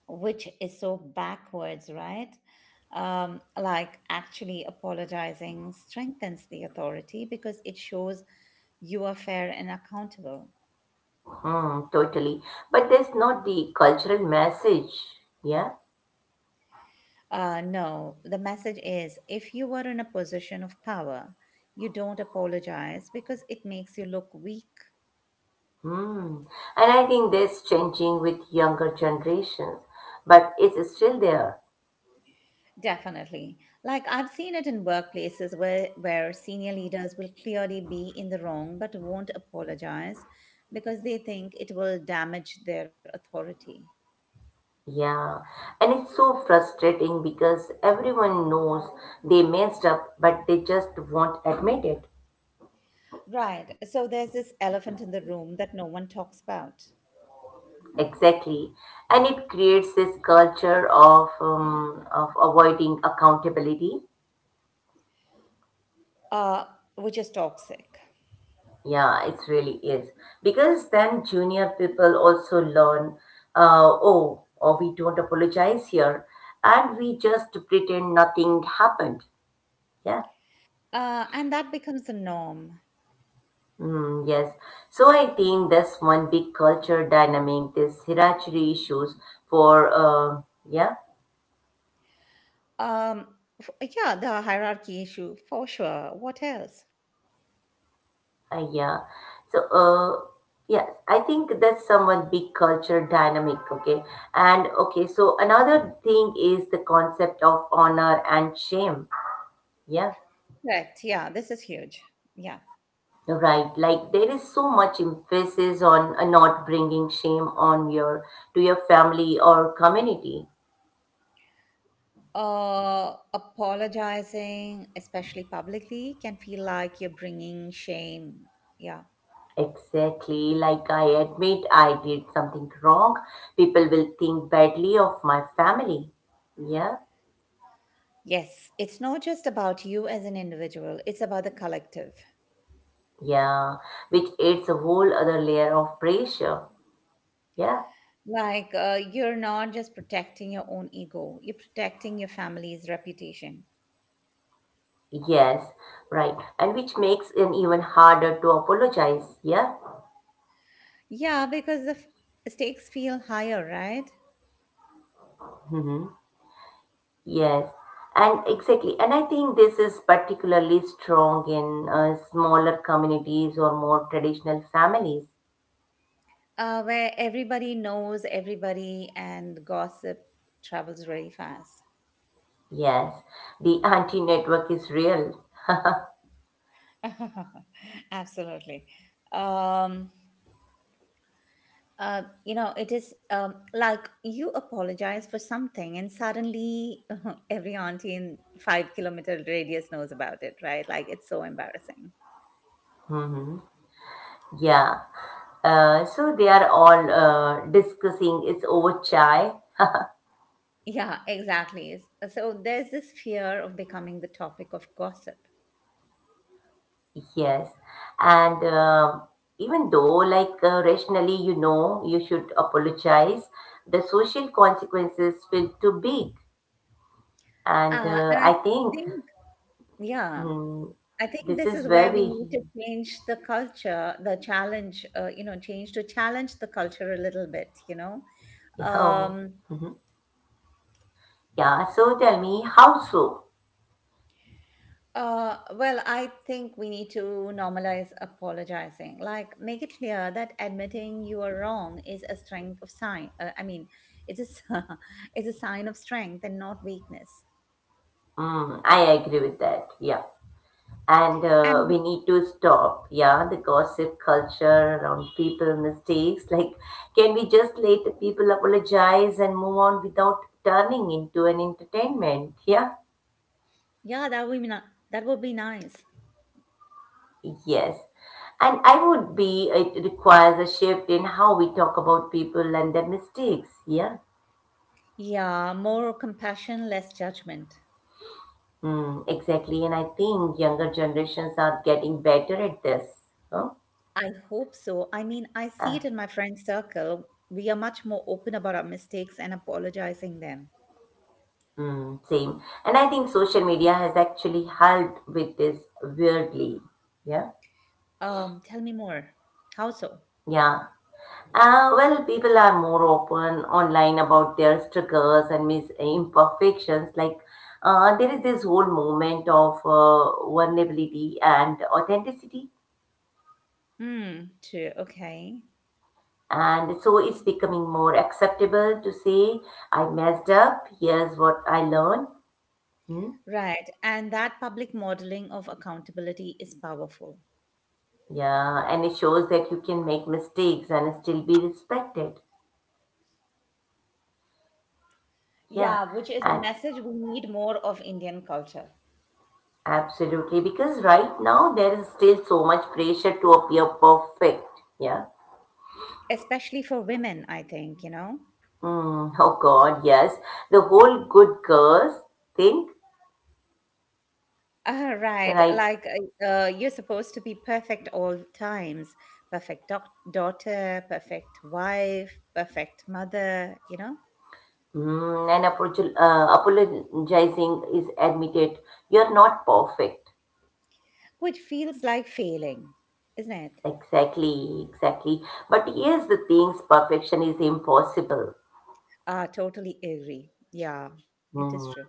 A: which is so backwards, right? Like actually apologizing strengthens the authority because it shows you are fair and accountable.
B: Hmm, totally. But there's not the cultural message, yeah?
A: No, the message is if you were in a position of power, you don't apologize because it makes you look weak.
B: Hmm. And I think that's changing with younger generations, but it's still there.
A: Definitely. Like I've seen it in workplaces where senior leaders will clearly be in the wrong but won't apologize because they think it will damage their authority.
B: Yeah. And it's so frustrating because everyone knows they messed up, but they just won't admit it.
A: Right. So there's this elephant in the room that no one talks about,
B: Exactly. And it creates this culture of avoiding accountability.
A: uh, which is toxic.
B: Yeah, it really is. Because then junior people also learn, oh, or we don't apologize here, and we just pretend nothing happened. Yeah.
A: And that becomes the norm.
B: Mm, yes. So I think that's one big culture dynamic, this hierarchy issues for, yeah,
A: Um, yeah, the hierarchy issue, for sure. What else?
B: yeah. So, yes, I think that's somewhat big culture dynamic, okay? And okay, so another thing is the concept of honor and shame. Yeah,
A: Correct. Yeah, this is huge. Yeah.
B: right. Like there is so much emphasis on not bringing shame on your to your family or community.
A: Apologizing, especially publicly, can feel like you're bringing shame. Yeah.
B: Exactly. Like I admit I did something wrong, people will think badly of my family. Yeah,
A: Yes. It's not just about you as an individual, it's about the collective.
B: yeah, which adds a whole other layer of pressure. Yeah,
A: Like, you're not just protecting your own ego, you're protecting your family's reputation.
B: yes, right. And which makes it even harder to apologize. Yeah.
A: Yeah, because the stakes feel higher, right?
B: Yes, and exactly. And I think this is particularly strong in smaller communities or more traditional families.
A: Where everybody knows everybody and gossip travels really fast.
B: Yes, the anti network is real.
A: Absolutely. Um, you know, it is Like you apologize for something, and suddenly every auntie in 5 kilometer radius knows about it, right? Like it's so embarrassing.
B: Hmm Yeah. So they are all discussing it's over chai.
A: Yeah, exactly. So there's this fear of becoming the topic of gossip.
B: Yes. And even though, like, rationally, you know, you should apologize, the social consequences feel too big. And
A: And I
B: I think
A: think, yeah,
B: Mm,
A: I think
B: this
A: this
B: is
A: is where we
B: very,
A: need to change the culture, the challenge, you know, change to challenge the culture a little bit, you know.
B: yeah,
A: Um,
B: yeah. So tell me, how so?
A: well, I think we need to normalize apologizing. Like, make it clear that admitting you are wrong is a strength of sign. It's a, s- it's a sign of strength and not weakness.
B: Mm, I agree with that. Yeah, and we
A: And
B: need to stop. Yeah, the gossip culture around people mistakes. Like, can we just let the people apologize and move on without turning into an entertainment? Yeah.
A: yeah, that would be nice.
B: Yes. And I would be, it requires a shift in how we talk about people and their mistakes. Yeah.
A: Yeah, more compassion, less judgment.
B: Hmm, exactly, and I think younger generations are getting better at this. Huh?
A: I hope so. I mean, I see it
B: Ah,
A: in my friend circle. We are much more open about our mistakes and apologizing them.
B: mm, same, and I think social media has actually helped with this weirdly. Yeah,
A: Tell me more. How so?
B: yeah. Well, people are more open online about their struggles and imperfections. Like, there is this whole moment of vulnerability and authenticity.
A: Hmm, true. Okay.
B: And so it's becoming more acceptable to say, I messed up, here's what I learned. Hmm?
A: Right. And that public modeling of accountability is powerful.
B: Yeah, and it shows that you can make mistakes and still be respected. Yeah,
A: Yeah, which is a
B: and
A: message we need more of Indian culture,
B: absolutely because right now there is still so much pressure to appear perfect. Yeah.
A: especially for women, I think, you know?
B: Mm, oh God, yes. The whole good girls think
A: Ah, right.
B: right.
A: Like you're supposed to be perfect all times. Perfect daughter, perfect wife, perfect mother, you know,
B: Mm, and apologizing is admitted. You're not perfect.
A: which feels like failing, isn't it?
B: Exactly. But here's the thing: perfection is impossible.
A: Ah, totally agree. Yeah, it is
B: Hmm.
A: true.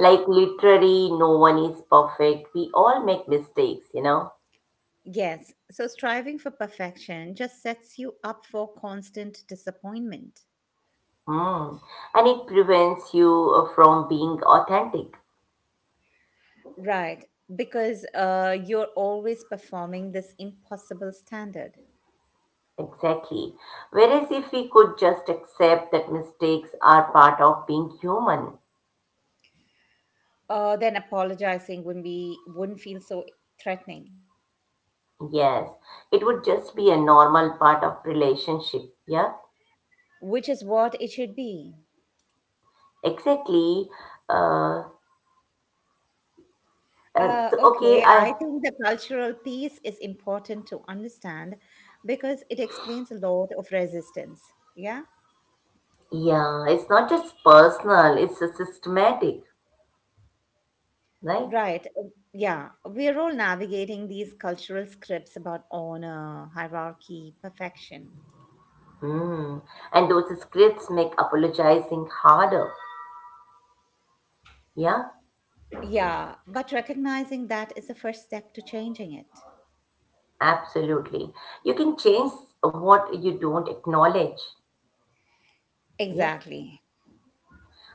B: Like literally no one is perfect. We all make mistakes, you know.
A: Yes. So striving for perfection just sets you up for constant disappointment.
B: Mm. And it prevents you from being authentic.
A: Right. Because you're always performing this impossible standard.
B: Exactly. Whereas if we could just accept that mistakes are part of being human,
A: Then apologizing wouldn't feel so threatening,
B: yes, it would just be a normal part of relationship. Yeah,
A: which is what it should be.
B: exactly. Uh, so okay,
A: Okay,
B: I
A: I think the cultural piece is important to understand because it explains a lot of resistance. Yeah,
B: yeah, it's not just personal; it's a systematic, right?
A: right. Yeah, we're all navigating these cultural scripts about honor, hierarchy, perfection.
B: Mm. And those scripts make apologizing harder. Yeah,
A: Yeah, but recognizing that is the first step to changing it.
B: absolutely. You can change what you don't acknowledge. Yeah.
A: Exactly.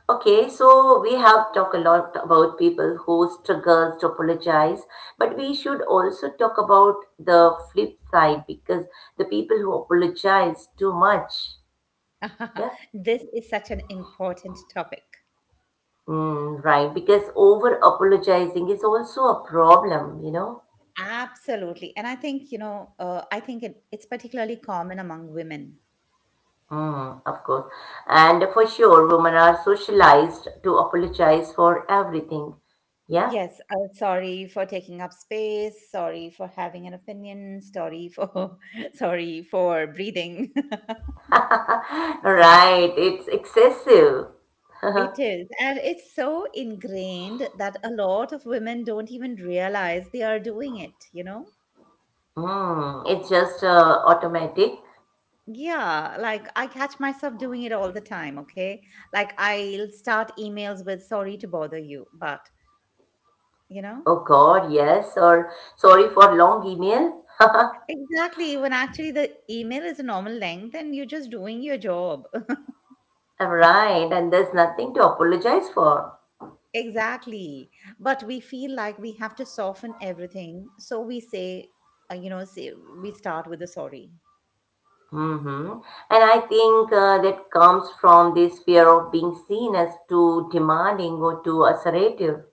B: Okay, so we have talked a lot about people who struggles to apologize, but we should also talk about the flip side because the people who apologize too much. Yeah.
A: This is such an important topic.
B: Mm, right, because over apologizing is also a problem, you know.
A: Absolutely. And I think it's particularly common among women.
B: Mm, of course. And for sure, women are socialized to apologize for everything. Yeah.
A: Yes, sorry for taking up space, sorry for having an opinion, sorry for sorry for breathing.
B: Right. It's excessive.
A: It is. And it's so ingrained that a lot of women don't even realize they are doing it, you know?
B: Mm, it's just automatic.
A: Yeah, like I catch myself doing it all the time, okay? Like I'll start emails with sorry to bother you, but, you know?
B: Oh God, yes. Or sorry for long email.
A: Exactly, when actually the email is a normal length and you're just doing your job.
B: Right. And there's nothing to apologize for.
A: Exactly. But we feel like we have to soften everything. So we say, you know, say, we start with a sorry.
B: Mm-hmm. And I think that comes from this fear of being seen as too demanding or too assertive.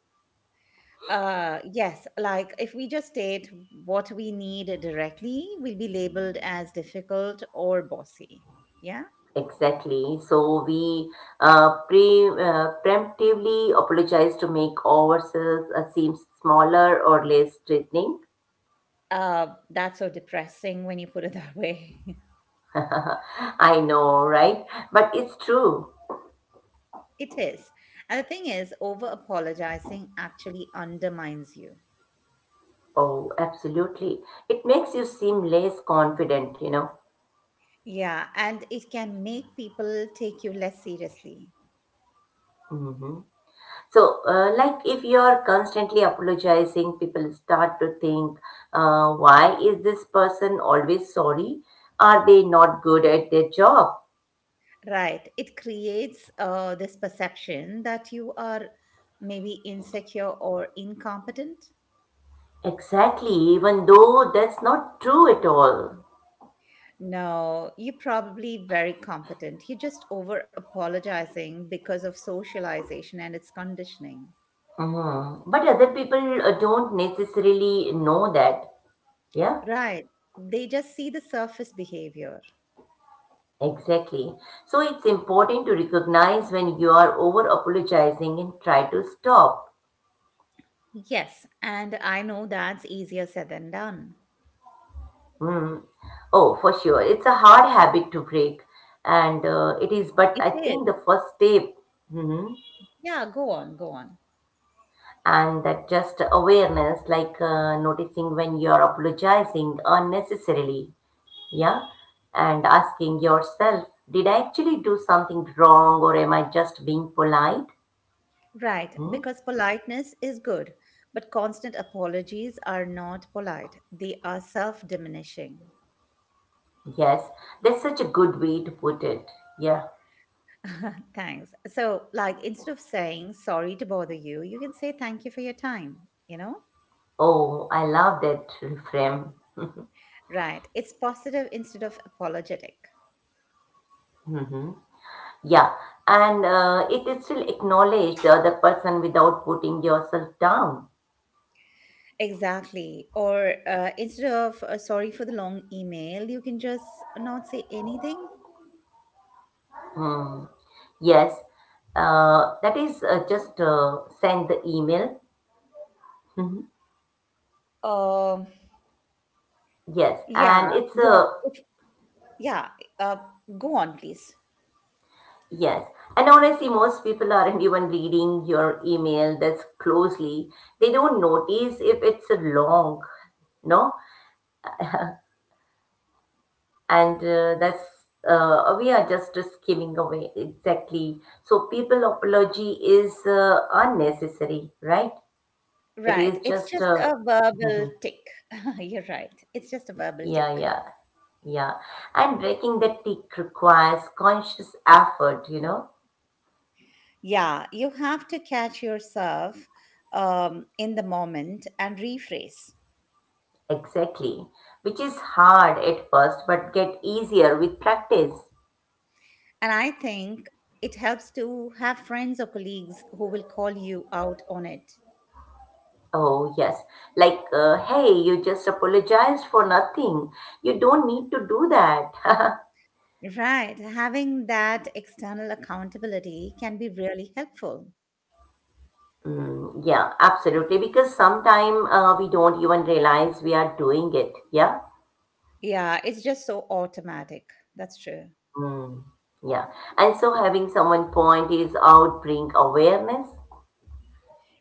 A: Yes, like if we just state what we need directly, we'll be labeled as difficult or bossy. Yeah.
B: Exactly. So we preemptively apologize to make ourselves seem smaller or less threatening.
A: That's so depressing when you put it that way.
B: I know, right? But it's true.
A: It is. And the thing is, over apologizing actually undermines you.
B: Oh, absolutely. It makes you seem less confident, you know.
A: Yeah, and it can make people take you less seriously.
B: Hmm So, like if you're constantly apologizing, people start to think, why is this person always sorry? Are they not good at their job?
A: Right. It creates this perception that you are maybe insecure or incompetent.
B: Exactly, even though that's not true at all.
A: No, you're probably very competent. You're just over apologizing because of socialization and its conditioning.
B: Mhm. But other people don't necessarily know that. Yeah,
A: Right. They just see the surface behavior.
B: exactly. So it's important to recognize when you are over apologizing and try to stop.
A: Yes, and I know that's easier said than done.
B: Mm. Oh, for sure. It's a hard habit to break, and it is, but
A: It
B: I
A: is.
B: think the first step. Hmm
A: Yeah, go on, go on.
B: And that just awareness, like noticing when you are apologizing unnecessarily. Yeah. And asking yourself, did I actually do something wrong or am I just being polite?
A: Right,
B: Hmm?
A: because politeness is good, but constant apologies are not polite. They are self diminishing.
B: Yes, that's such a good way to put it. Yeah.
A: Thanks. So, like, instead of saying sorry to bother you, you can say thank you for your time, you know?
B: Oh, I love that reframe.
A: Right. It's positive instead of apologetic.
B: Hmm Yeah. And it is still acknowledge the other person without putting yourself down.
A: Exactly. Or instead of sorry for the long email, you can just not say anything.
B: Hmm. Yes. That is just send the email. Mhm.
A: Um,
B: Yes,
A: yeah.
B: and it's
A: Yeah.
B: a
A: If, Yeah. Uh, Go on, please.
B: yes. And honestly, most people aren't even reading your email that's closely. They don't notice if it's long, no? And we are just skimming away. Exactly. So people apology is unnecessary, right? It
A: Right.
B: is
A: It's
B: just,
A: just a verbal tick. You're right. It's just a verbal
B: yeah,
A: tick.
B: yeah, yeah. And breaking the tick requires conscious effort, you know?
A: Yeah. You have to catch yourself in the moment and rephrase.
B: Exactly, which is hard at first but get easier with practice.
A: And I think it helps to have friends or colleagues who will call you out on it.
B: Oh, yes, like, hey, you just apologized for nothing. You don't need to do that.
A: Right. Having that external accountability can be really helpful.
B: Mm, yeah, absolutely, because sometime we don't even realize we are doing it. Yeah.
A: Yeah. It's just so automatic. That's true.
B: Mm, yeah. And so having someone point is out, bring awareness.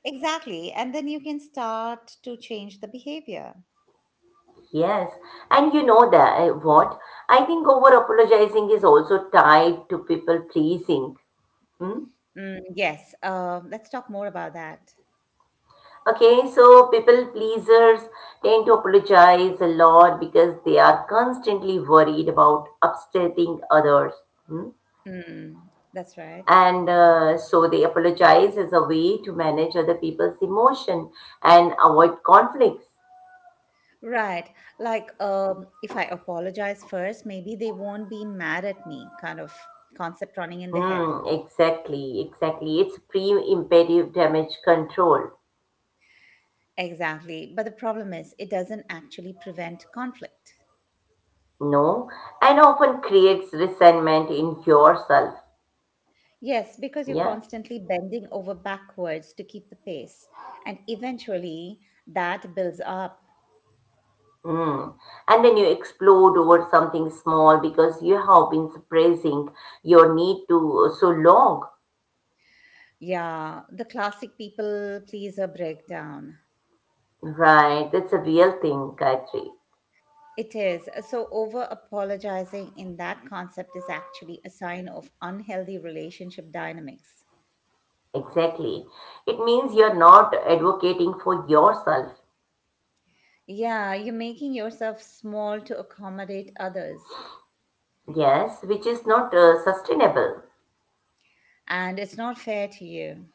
A: Exactly. And then you can start to change the behavior.
B: Yes. And you know that what? I think over apologizing is also tied to people pleasing. Hmm?
A: Mm, yes. Let's talk more about that.
B: Okay, so people pleasers tend to apologize a lot because they are constantly worried about upsetting others. Hmm?
A: Mm, that's right.
B: And so they apologize as a way to manage other people's emotion and avoid conflicts.
A: Right. Like, if I apologize first, maybe they won't be mad at me, kind of concept running in the head.
B: Mm, exactly, exactly. It's pre-imperative damage control,
A: Exactly. But the problem is, it doesn't actually prevent conflict.
B: no? And often creates resentment in yourself.
A: Yes, because you're
B: Yeah.
A: constantly bending over backwards to keep the pace. And eventually, that builds up.
B: Mm. And when you explode over something small because you have been suppressing your need to so long,
A: Yeah, the classic people pleaser breakdown.
B: right? That's a real thing, Gayatri.
A: It is. So, over apologizing in that concept is actually a sign of unhealthy relationship dynamics.
B: Exactly. It means you're not advocating for yourself,
A: Yeah, you're making yourself small to accommodate others,
B: yes, which is not sustainable.
A: and it's not fair to you.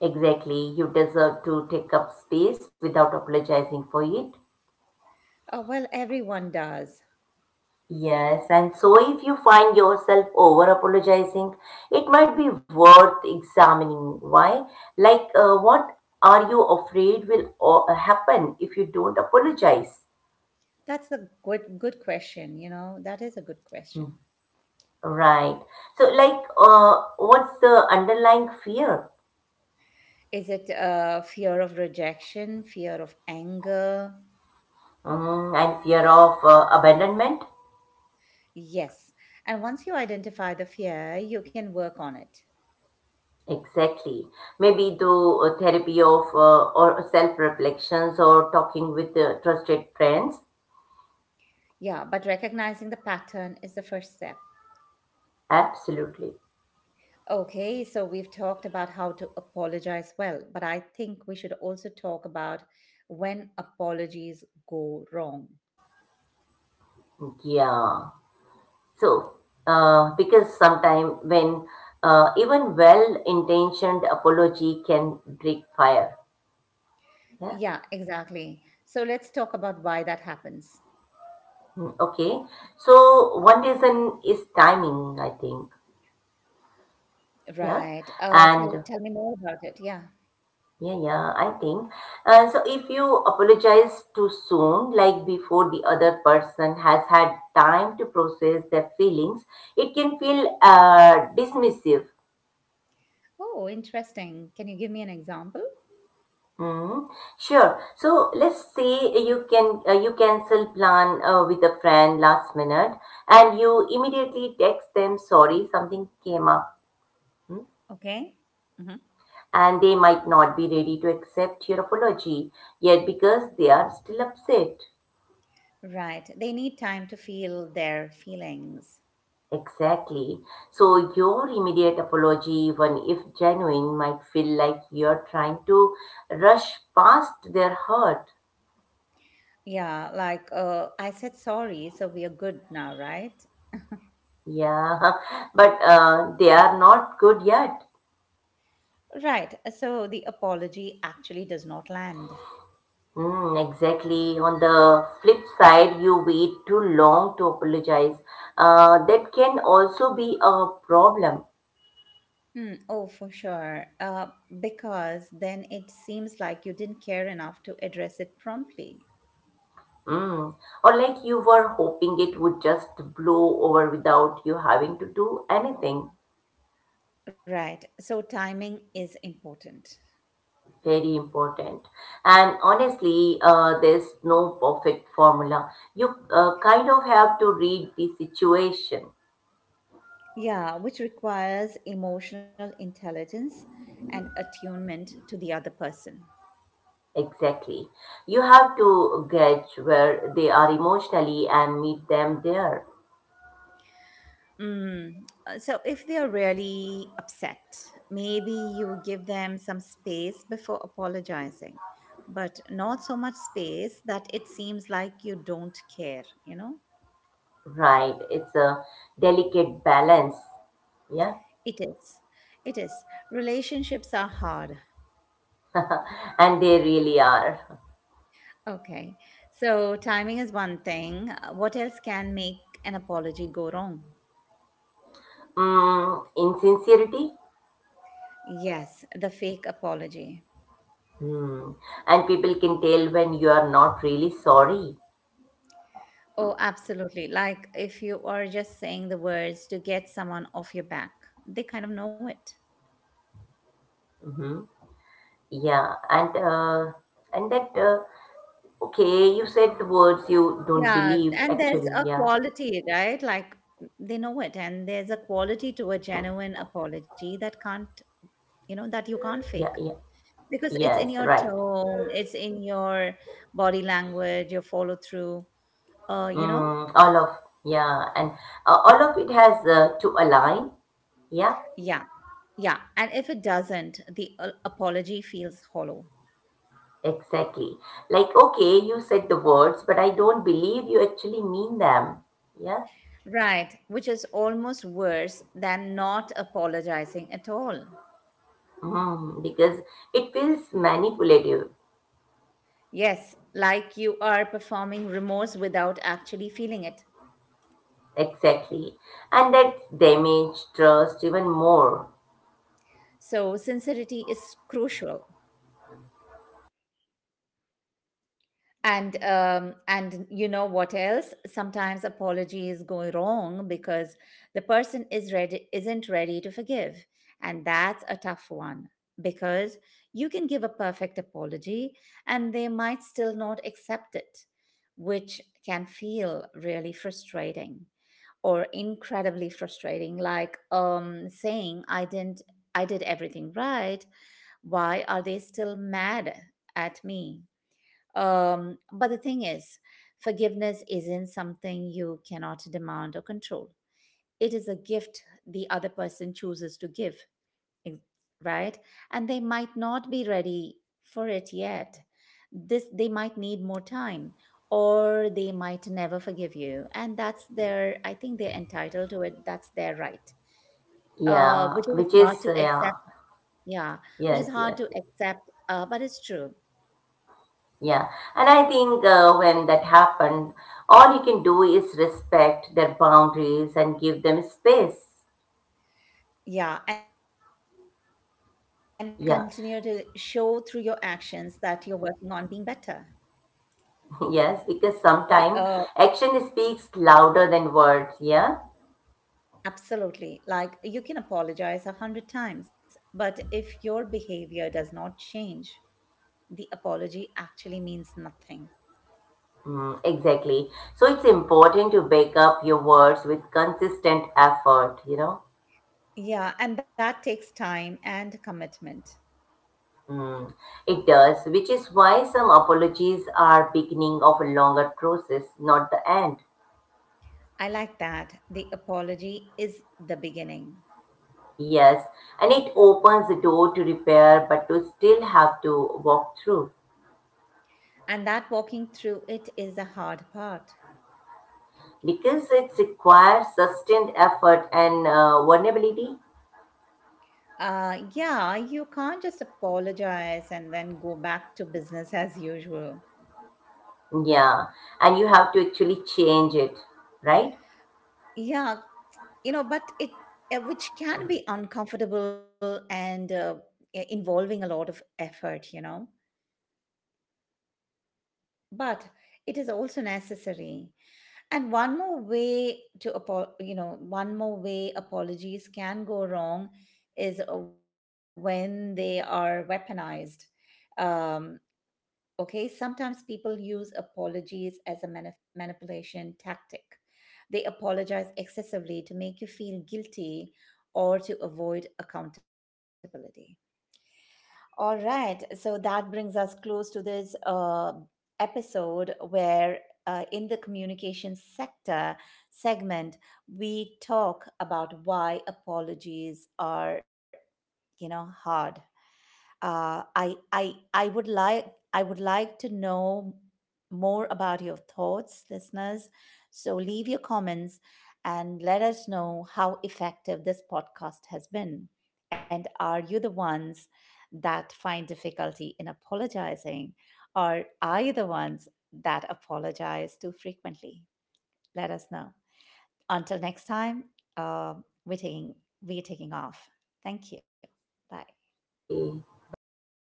B: Exactly. You deserve to take up space without apologizing for it.
A: Oh, well, everyone does.
B: Yes, and so if you find yourself over apologizing, it might be worth examining why. Like, what are you afraid will happen if you don't apologize?
A: That's a good question, That is a good question.
B: Right. So, like, what's the underlying fear?
A: Is it fear of rejection, fear of anger,
B: Mm, and fear of abandonment?
A: Yes. And once you identify the fear, you can work on it.
B: Exactly. Maybe do therapy of or self reflections or talking with trusted friends.
A: Yeah, but recognizing the pattern is the first step.
B: Absolutely.
A: Okay, so we've talked about how to apologize well, but I think we should also talk about when apologies go wrong.
B: Yeah. So, because sometimes when even well-intentioned apology can break fire. Yeah.
A: Yeah, exactly. So let's talk about why that happens.
B: Mm, okay. So one reason is timing, I think.
A: Right.
B: Yeah.
A: Tell
B: And
A: me more about it. Yeah.
B: yeah, I think. So if you apologize too soon, like before the other person has had time to process their feelings, it can feel dismissive.
A: Oh, interesting. Can you give me an example?
B: Mm, sure. So let's say you can you cancel plan with a friend last minute, and you immediately text them, sorry, something came up, mm,
A: Okay. Hmm.
B: and they might not be ready to accept your apology yet because they are still upset.
A: Right. They need time to feel their feelings.
B: Exactly. So your immediate apology, even if genuine, might feel like you're trying to rush past their hurt.
A: Yeah, like I said sorry, so we are good now, right?
B: Yeah, but they are not good yet.
A: Right. So the apology actually does not land.
B: Hmm, exactly. On the flip side, you wait too long to apologize. That can also be a problem.
A: Hmm. Oh, for sure. Because then it seems like you didn't care enough to address it promptly.
B: Hmm. Or like you were hoping it would just blow over without you having to do anything.
A: Right. So timing is important.
B: Very important. And honestly, there's no perfect formula. You kind of have to read the situation.
A: Yeah, which requires emotional intelligence and attunement to the other person.
B: Exactly. You have to gauge where they are emotionally and meet them there.
A: Mm. So if they are really upset, maybe you give them some space before apologizing, but not so much space that it seems like you don't care, you know?
B: Right, it's a delicate balance. Yeah,
A: It is. It is. Relationships are hard.
B: and they really are.
A: Okay. So timing is one thing. What else can make an apology go wrong?
B: Mm, insincerity.
A: Yes, the fake apology.
B: Hmm. And people can tell when you are not really sorry.
A: Oh, absolutely. Like if you are just saying the words to get someone off your back, they kind of know it.
B: Hmm. Yeah, and that okay, you said the words you don't
A: Yeah.
B: believe
A: And there's
B: actually.
A: a
B: Yeah,
A: quality, right? Like they know it. And there's a quality to a genuine apology that you can't fake
B: yeah, yeah.
A: because it's in
B: Yes,
A: your
B: right.
A: tone, it's in your body language, your follow through, you know?
B: Mm, all of yeah, and all of it has to align. Yeah.
A: Yeah. Yeah. And if it doesn't, the apology feels hollow.
B: Exactly. Like, okay, you said the words, but I don't believe you actually mean them. Yeah.
A: Right, which is almost worse than not apologizing at all.
B: Mm, because it feels manipulative.
A: Yes, like you are performing remorse without actually feeling it.
B: Exactly. And that damage trust even more.
A: So, sincerity is crucial. And you know what else, sometimes apologies go wrong because the person is ready isn't ready to forgive, and that's a tough one because you can give a perfect apology and they might still not accept it, which can feel really frustrating, or incredibly frustrating. Like saying, I didn't, I did everything right, why are they still mad at me? But the thing is, forgiveness isn't something you cannot demand or control. It is a gift the other person chooses to give, in- right? And they might not be ready for it yet. This They might need more time, or they might never forgive you. And that's their I think they're entitled to it. That's their right.
B: Yeah.
A: Which is
B: Which
A: hard
B: is,
A: to accept.
B: yeah.
A: Yeah, which is
B: Yes,
A: hard
B: yes,
A: to
B: yes.
A: accept, but it's true.
B: Yeah. And I think when that happened, all you can do is respect their boundaries and give them space.
A: Yeah, and continue to show through your actions
B: Yeah.
A: that you're working on being better.
B: Yes.
A: B-
B: Because
A: Uh,
B: sometimes action speaks louder than words. Yeah.
A: Absolutely. Like you can apologize 100 times, but if your behavior does not change, the apology actually means nothing.
B: Mm, exactly. So it's important to back up your words with consistent effort, you know.
A: Yeah, and that takes time and commitment.
B: Mm, it does, which is why some apologies are beginning of a longer process, not the end.
A: I like that. The apology is the beginning,
B: Yes, and it opens the door to repair, but to still have to walk through
A: and that walking through it is the hard part.
B: because it requires sustained effort and vulnerability.
A: Yeah, you can't just apologize and then go back to business as usual.
B: Yeah, and you have to actually change it, right?
A: Yeah, but which can be uncomfortable and involving a lot of effort, but it is also necessary. And one more way to, apo- you know, one more way apologies can go wrong is when they are weaponized. Um, Okay, sometimes people use apologies as a manipulation tactic. They apologize excessively to make you feel guilty or to avoid accountability. All right, so that brings us close to this episode where, in the communication sector segment, we talk about why apologies are, hard. Uh, I would like to know more about your thoughts, listeners. So leave your comments and let us know how effective this podcast has been. And are you the ones that find difficulty in apologizing, or are you the ones that apologize too frequently? Let us know. Until next time, uh, we're taking we're taking off. Thank you. Bye.
B: Okay, bye bye.